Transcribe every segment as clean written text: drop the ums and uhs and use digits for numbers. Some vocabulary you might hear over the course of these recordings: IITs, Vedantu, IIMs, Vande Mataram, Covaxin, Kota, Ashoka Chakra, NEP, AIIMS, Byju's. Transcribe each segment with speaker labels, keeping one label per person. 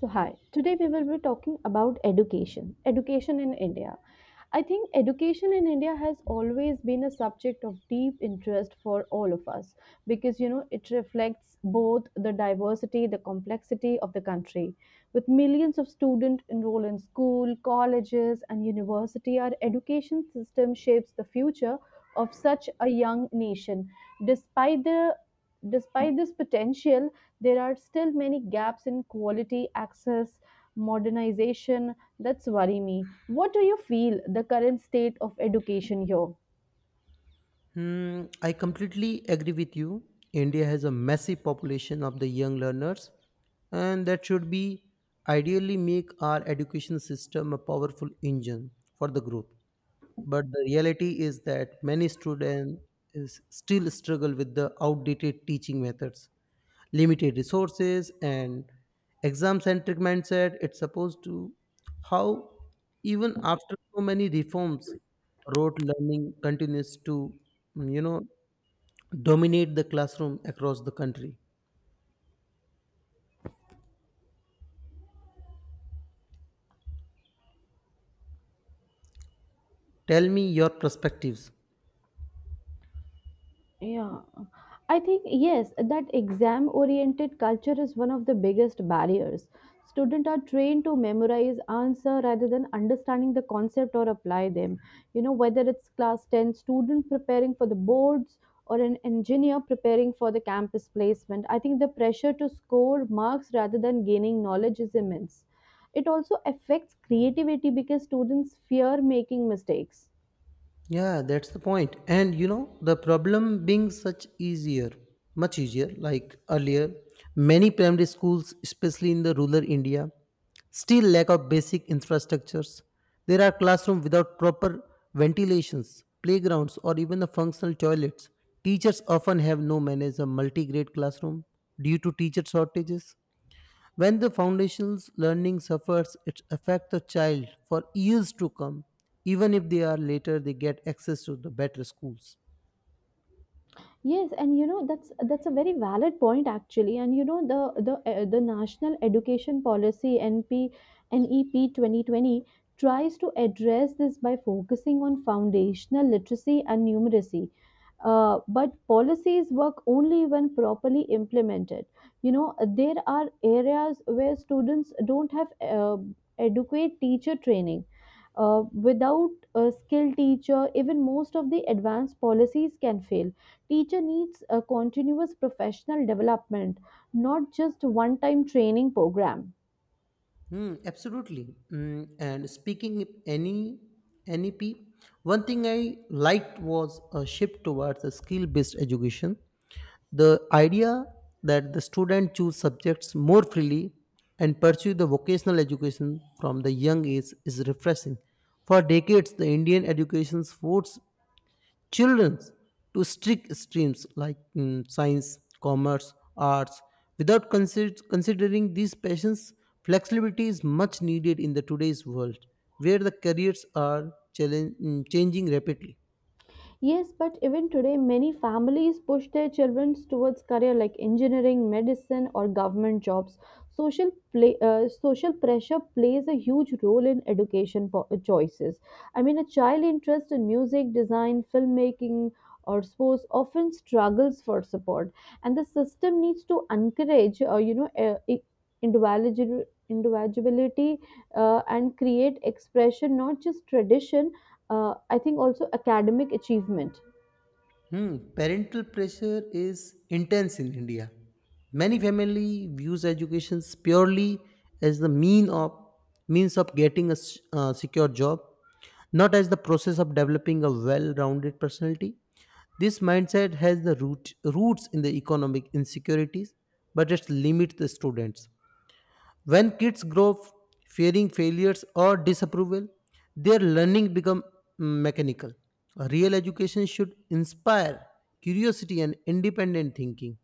Speaker 1: So, hi. Today we will be talking about education, education in India. I think education in India has always been a subject of deep interest for all of us because you know it reflects both the diversity, the complexity of the country. With millions of students enroll in school, colleges, and university, our education system shapes the future of such a young nation. Despite the Despite this potential, there are still many gaps in quality access, modernization that's worry me. What do you feel the current state of education here?
Speaker 2: I completely agree with you. India has a massive population of the young learners, and that should be ideally make our education system a powerful engine for the growth. But the reality is that many students is still struggle with the outdated teaching methods, limited resources, and exam centric mindset it's supposed to how even after so many reforms rote learning continues to mm, you know dominate the classroom across the country. Tell me your perspectives.
Speaker 1: Yeah, I think yes, that exam oriented culture is one of the biggest barriers. Students are trained to memorize answer rather than understanding the concept or apply them. You know, whether it's class 10 student preparing for the boards or an engineer preparing for the campus placement, I think the pressure to score marks rather than gaining knowledge is immense. It also affects creativity because students fear making mistakes.
Speaker 2: Yeah, that's the point. And you know, the problem being such easier, much easier, like earlier, many primary schools, especially in the rural India, still lack of basic infrastructures. There are classrooms without proper ventilations, playgrounds, or even the functional toilets. Teachers often have no manage a multi-grade classroom due to teacher shortages. When the foundation's learning suffers, it affects the child for years to come, even if they are later they get access to the better schools.
Speaker 1: Yes, and you know that's a very valid point actually. And you know the National Education Policy NPN 2020 tries to address this by focusing on foundational literacy and numeracy. But policies work only when properly implemented. You know there are areas where students don't have adequate teacher training. Without a skilled teacher, even most of the advanced policies can fail. Teacher needs a continuous professional development, not just one time training program.
Speaker 2: Absolutely. And speaking of any NEP, one thing I liked was a shift towards a skill-based education. The idea that the student choose subjects more freely and pursue the vocational education from the young age is refreshing. For decades, the Indian education forced children to strict streams like science, commerce, arts. Without considering these passions, flexibility is much needed in the today's world, where the careers are changing rapidly.
Speaker 1: Yes, but even today, many families push their children towards career like engineering, medicine, or government jobs. Social pressure plays a huge role in education choices. I mean, a child interest in music, design, filmmaking, or sports often struggles for support, and the system needs to encourage, individual individuality and create expression, not just tradition. I think also academic achievement.
Speaker 2: Parental pressure is intense in India. Many family views education purely as the mean of means of getting a secure job, not as the process of developing a well-rounded personality. This mindset has the root, roots in the economic insecurities, but it limits the students. When kids grow fearing failures or disapproval, their learning becomes mechanical. A real education should inspire curiosity and independent thinking.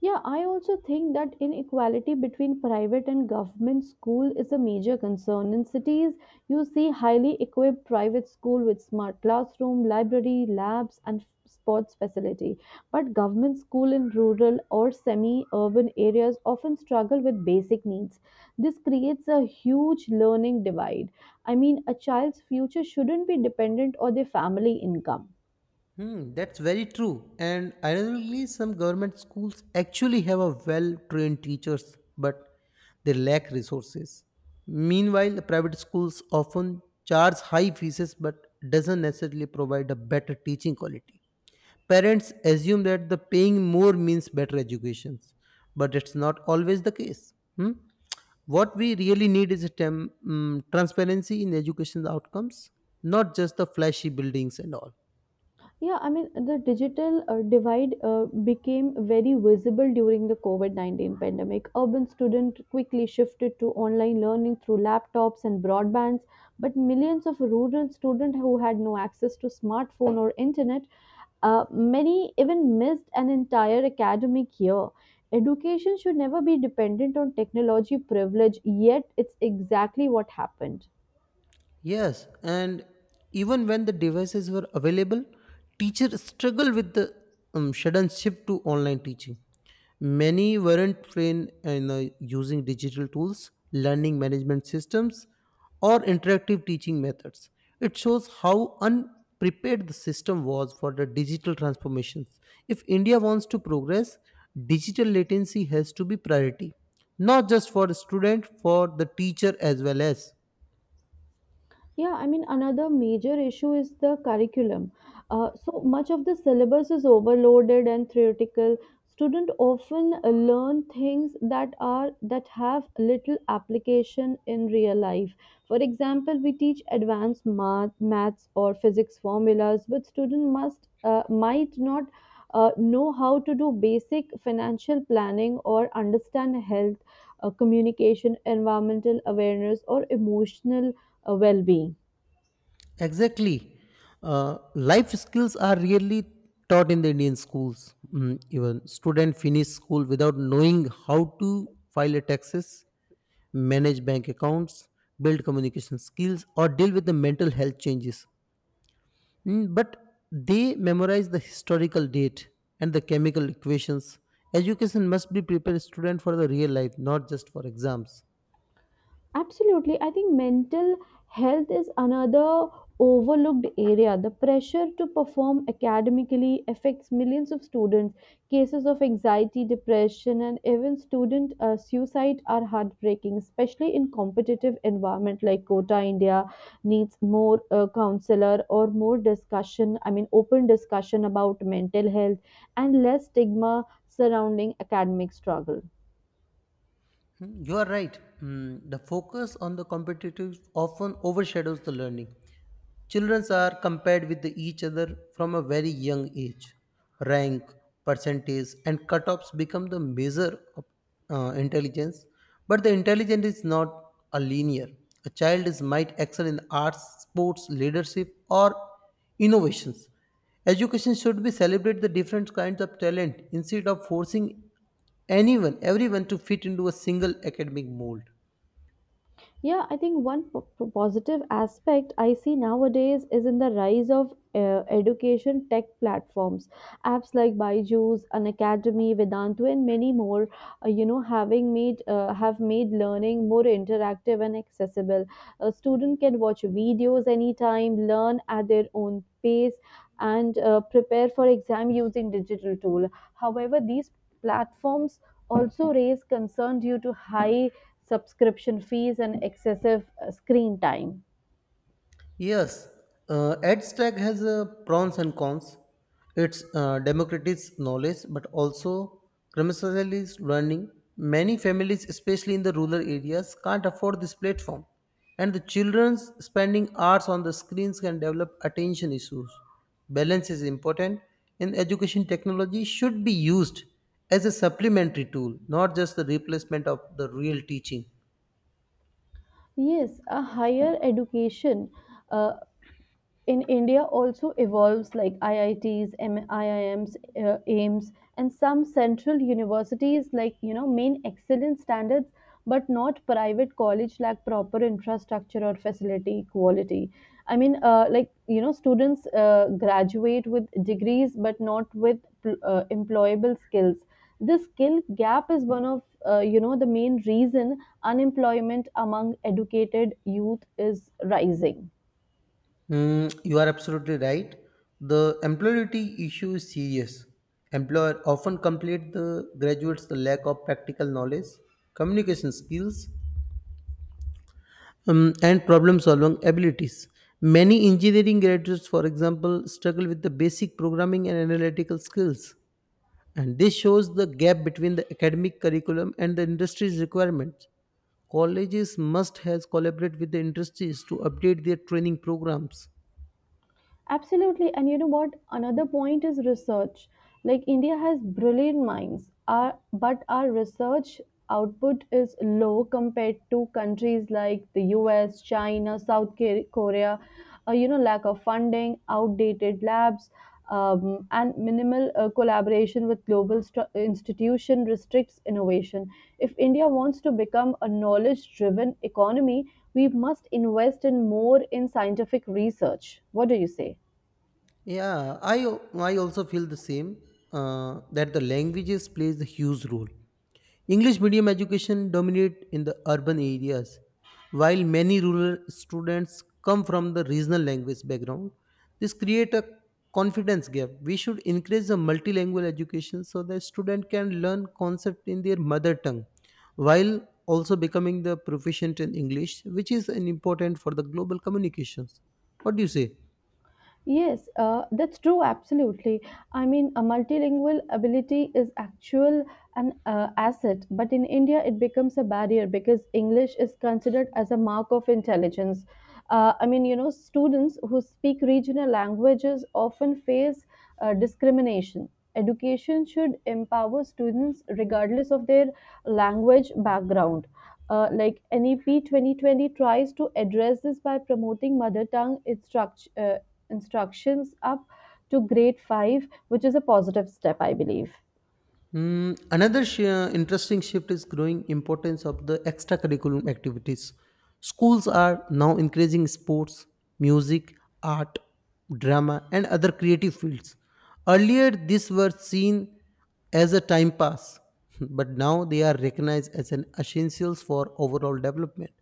Speaker 1: Yeah, I also think that inequality between private and government school is a major concern. In cities, you see highly equipped private school with smart classroom, library, labs, and sports facility. But government school in rural or semi-urban areas often struggle with basic needs. This creates a huge learning divide. I mean, a child's future shouldn't be dependent on their family income.
Speaker 2: That's very true. And ironically, some government schools actually have a well-trained teachers, but they lack resources. Meanwhile, the private schools often charge high fees but doesn't necessarily provide a better teaching quality. Parents assume that the paying more means better educations, but it's not always the case. Hmm? What we really need is a transparency in education outcomes, not just the flashy buildings and all.
Speaker 1: Yeah, I mean, the digital divide became very visible during the COVID 19 pandemic. Urban students quickly shifted to online learning through laptops and broadbands, but millions of rural students who had no access to smartphone or internet many even missed an entire academic year. Education should never be dependent on technology privilege, yet, it's exactly what happened.
Speaker 2: Yes, and even when the devices were available, teachers struggled with the sudden shift to online teaching. Many weren't trained in using digital tools, learning management systems, or interactive teaching methods. It shows how unprepared the system was for the digital transformations. If India wants to progress, digital latency has to be priority, not just for the student, for the teacher as well as.
Speaker 1: Yeah, I mean, another major issue is the curriculum. So much of the syllabus is overloaded and theoretical. Students often learn things that have little application in real life. For example, we teach advanced math, maths or physics formulas, but student must might not know how to do basic financial planning or understand health, communication, environmental awareness, or emotional well being.
Speaker 2: Exactly. Life skills are really taught in the Indian schools. Mm, even student finish school without knowing how to file a taxes, manage bank accounts, build communication skills, or deal with the mental health changes. Mm, but they memorize the historical date and the chemical equations. Education must be prepare student for the real life, not just for exams.
Speaker 1: Absolutely. I think mental health is another overlooked area. The pressure to perform academically affects millions of students. Cases of anxiety, depression, and even student suicide are heartbreaking, especially in competitive environment like Kota. India needs more counselor or more discussion, I mean open discussion about mental health and less stigma surrounding academic struggle.
Speaker 2: You are right. The focus on the competitive often overshadows the learning. Children are compared with each other from a very young age. Rank, percentage, and cutoffs become the measure of intelligence. But the intelligence is not a linear. A child is might excel in arts, sports, leadership, or innovations. Education should be celebrate the different kinds of talent instead of forcing anyone, everyone to fit into a single academic mold.
Speaker 1: Yeah, I think one positive aspect I see nowadays is in the rise of education tech platforms. Apps like Byju's, an Academy, Vedantu, and many more, you know, having made have made learning more interactive and accessible. A student can watch videos anytime, learn at their own pace, and prepare for exam using digital tool. However, these platforms also raise concern due to high subscription fees and excessive screen time.
Speaker 2: Yes, EdStack has pros and cons. It's democratizes knowledge, but also criminalizes learning. Many families, especially in the rural areas, can't afford this platform, and the children's spending hours on the screens can develop attention issues. Balance is important, and education technology should be used as a supplementary tool, not just the replacement of the real teaching.
Speaker 1: Yes, a higher education. Uh, in India also evolves like IITs, IIMs, AIMS, and some central universities like you know main excellence standards, but not private college lack proper infrastructure or facility quality. I mean, students graduate with degrees but not with employable skills. This skill gap is one of the main reason unemployment among educated youth is rising.
Speaker 2: You are absolutely right. The employability issue is serious. Employer often complain the graduates the lack of practical knowledge, communication skills, and problem-solving abilities. Many engineering graduates, for example, struggle with the basic programming and analytical skills, and this shows the gap between the academic curriculum and the industry's requirements. Colleges must has collaborate with the industries to update their training programs.
Speaker 1: Absolutely. And you know what? Another point is research. Like India has brilliant minds, our research output is low compared to countries like the US, China, South Korea. Lack of funding, outdated labs, and minimal collaboration with global institution restricts innovation. If India wants to become a knowledge-driven economy, we must invest in more in scientific research. What do you say?
Speaker 2: Yeah, I also feel the same that the languages plays a huge role. English medium education dominate in the urban areas, while many rural students come from the regional language background. This create a confidence gap. We should increase the multilingual education so the student can learn concept in their mother tongue, while also becoming the proficient in English, which is an important for the global communications. What do you say?
Speaker 1: Yes, that's true, absolutely. I mean, a multilingual ability is actual an asset, but in India it becomes a barrier because English is considered as a mark of intelligence. Students who speak regional languages often face discrimination. Education should empower students regardless of their language background. Like NEP 2020 tries to address this by promoting mother tongue instructions up to grade 5, which is a positive step, I believe.
Speaker 2: Another interesting shift is growing importance of the extracurriculum activities. Schools are now increasing sports, music, art, drama, and other creative fields. Earlier, these were seen as a time pass, but now they are recognized as an essentials for overall development.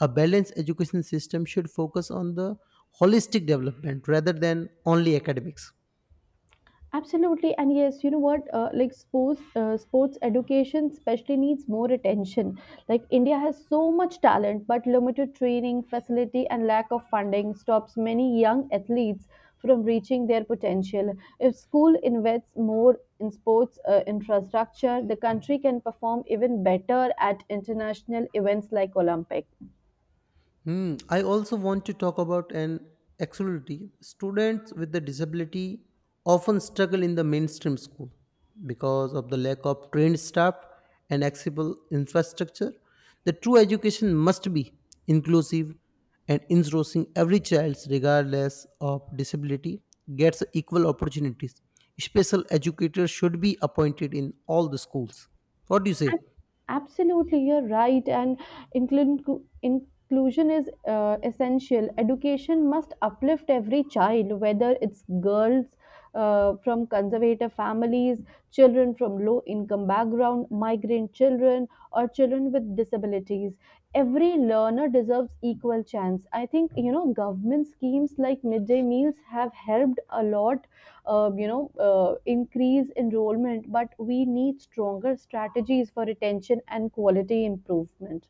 Speaker 2: A balanced education system should focus on the holistic development rather than only academics.
Speaker 1: Absolutely, and yes, you know what? Sports education especially needs more attention. Like India has so much talent, but limited training, facility, and lack of funding stops many young athletes from reaching their potential. If school invests more in sports infrastructure, the country can perform even better at international events like Olympics.
Speaker 2: Hmm. I also want to talk about an accessibility. Students with the disability often struggle in the mainstream school because of the lack of trained staff and accessible infrastructure. The true education must be inclusive and engrossing every child regardless of disability gets equal opportunities. Special educators should be appointed in all the schools. What do you say?
Speaker 1: Ab- Absolutely, you're right. And inclusion is essential. Education must uplift every child, whether it's girls from conservative families, children from low income background, migrant children, or children with disabilities. Every learner deserves equal chance. I think you know government schemes like midday meals have helped a lot, uh, you know increase enrollment, but we need stronger strategies for retention and quality improvement.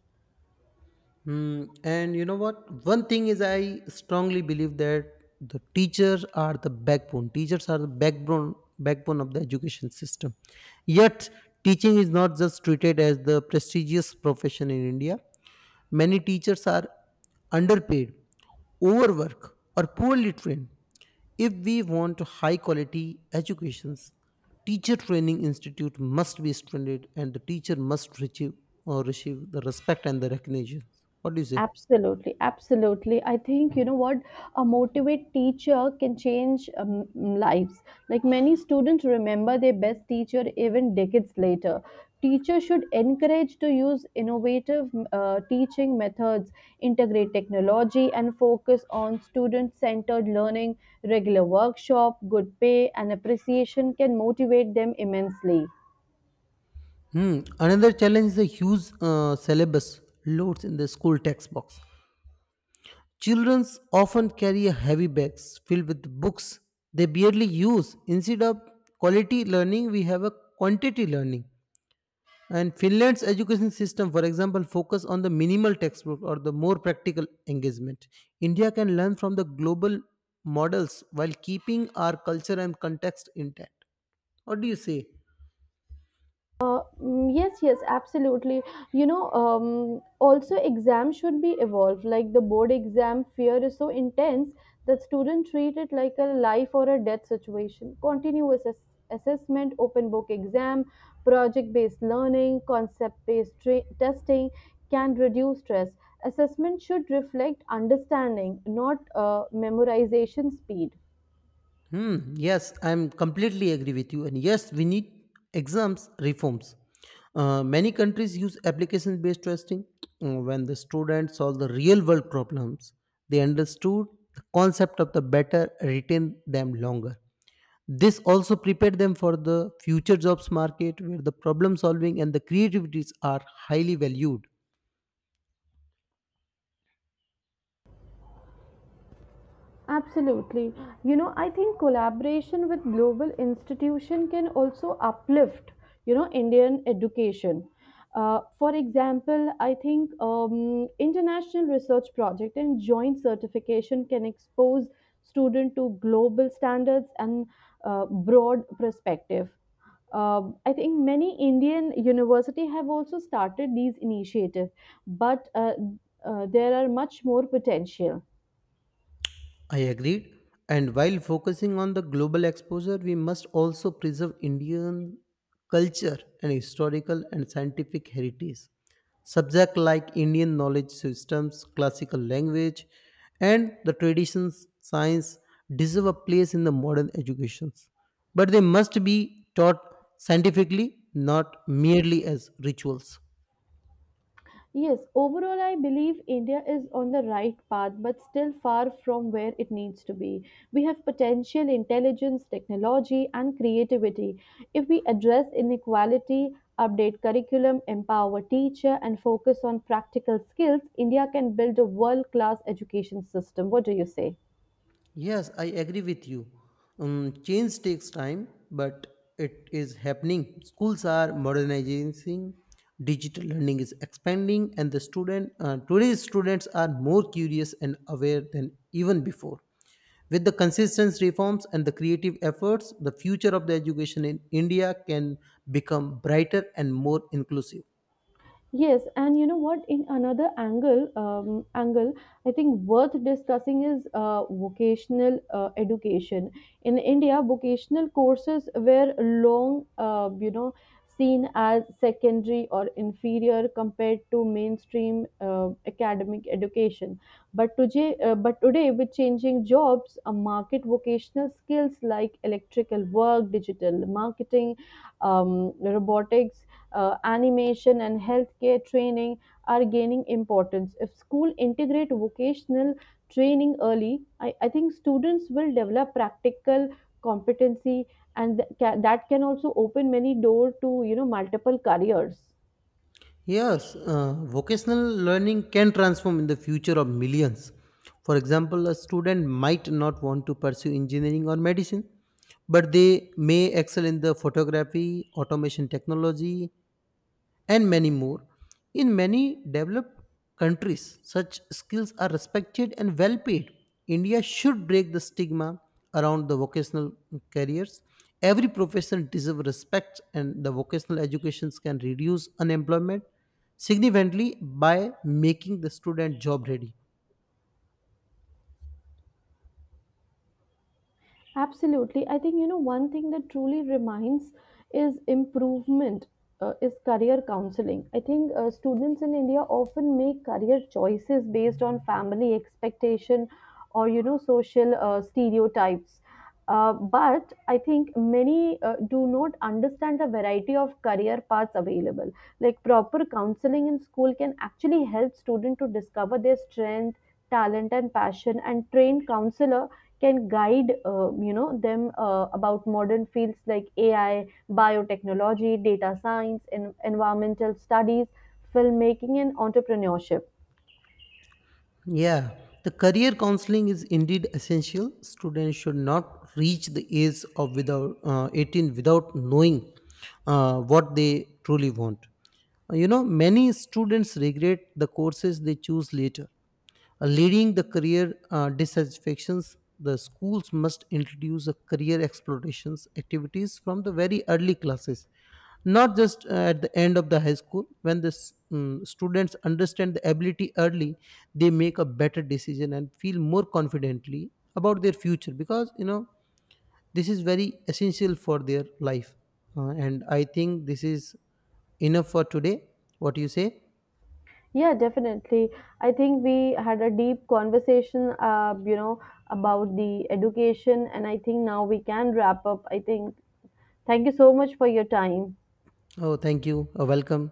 Speaker 2: Hmm. And you know what? One thing is, I strongly believe that the teachers are the backbone. Teachers are the backbone of the education system. Yet, teaching is not just treated as the prestigious profession in India. Many teachers are underpaid, overworked, or poorly trained. If we want high quality educations, teacher training institute must be strengthened, and the teacher must receive or receive the respect and the recognition. What do you say?
Speaker 1: Absolutely, absolutely. I think you know what, a motivate teacher can change lives. Like many students remember their best teacher even decades later. Teachers should encourage to use innovative teaching methods, integrate technology, and focus on student-centered learning. Regular workshop, good pay, and appreciation can motivate them immensely.
Speaker 2: Hmm. Another challenge is the huge syllabus loads in the school textbooks. Children often carry heavy bags filled with books they barely use. Instead of quality learning, we have a quantity learning. And Finland's education system, for example, focus on the minimal textbook or the more practical engagement. India can learn from the global models while keeping our culture and context intact. What do you say?
Speaker 1: Yes, yes, absolutely. You know, also exams should be evolved. Like the board exam fear is so intense that students treat it like a life or a death situation. Continuous assessment, open book exam, project-based learning, testing can reduce stress. Assessment should reflect understanding, not memorization speed.
Speaker 2: Yes, I'm completely agree with you. And yes, we need exams reforms. Many countries use application based testing when the students solve the real world problems. They understood the concept of the better, retain them longer. This also prepared them for the future jobs market where the problem solving and the creativities are highly valued.
Speaker 1: Absolutely. You know, I think collaboration with global institution can also uplift, you know, Indian education. For example, I think international research project and joint certification can expose student to global standards and broad perspective. I think many Indian university have also started these initiatives, but there are much more potential.
Speaker 2: I agreed. And while focusing on the global exposure, we must also preserve Indian culture and historical and scientific heritage. Subjects like Indian knowledge systems, classical language, and the traditions, science deserve a place in the modern educations. But they must be taught scientifically, not merely as rituals.
Speaker 1: Yes, overall, I believe India is on the right path, but still far from where it needs to be. We have potential, intelligence, technology, and creativity. If we address inequality, update curriculum, empower teacher, and focus on practical skills, India can build a world-class education system. What do you say?
Speaker 2: Yes, I agree with you. Change takes time, but it is happening. Schools are modernizing, digital learning is expanding, and the student today's students are more curious and aware than even before. With the consistent reforms and the creative efforts, the future of the education in India can become brighter and more inclusive.
Speaker 1: Yes, and you know what? In another angle, angle, I think worth discussing is vocational education. In India, vocational courses were long, seen as secondary or inferior compared to mainstream academic education. But today, with changing jobs, a market vocational skills like electrical work, digital marketing, robotics, animation and healthcare training are gaining importance. If school integrate vocational training early, I think students will develop practical competency and that can also open many door to you know multiple careers.
Speaker 2: Yes, vocational learning can transform in the future of millions. For example, a student might not want to pursue engineering or medicine, but they may excel in the photography, automation technology, and many more. In many developed countries, such skills are respected and well paid. India should break the stigma around the vocational careers. Every profession deserves respect, and the vocational educations can reduce unemployment significantly by making the student job ready.
Speaker 1: Absolutely. I think, you know, one thing that truly reminds is improvement, is career counseling. I think students in India often make career choices based on family expectation or, you know, social stereotypes. But I think many do not understand the variety of career paths available. Like proper counseling in school can actually help students to discover their strength, talent, and passion, and trained counselor can guide them about modern fields like AI, biotechnology, data science, and environmental studies, filmmaking, and entrepreneurship.
Speaker 2: Yeah, the career counseling is indeed essential. Students should not reach the age of without 18 without knowing what they truly want. You know, many students regret the courses they choose later, leading the career dissatisfactions. The schools must introduce a career explorations activities from the very early classes, not just at the end of the high school. When the students understand the ability early, they make a better decision and feel more confidently about their future, because you know this is very essential for their life. And I think this is enough for today. What do you say?
Speaker 1: Yeah, definitely. I think we had a deep conversation, about the education, and I think now we can wrap up. I think thank you so much for your time.
Speaker 2: Oh, thank you. Welcome.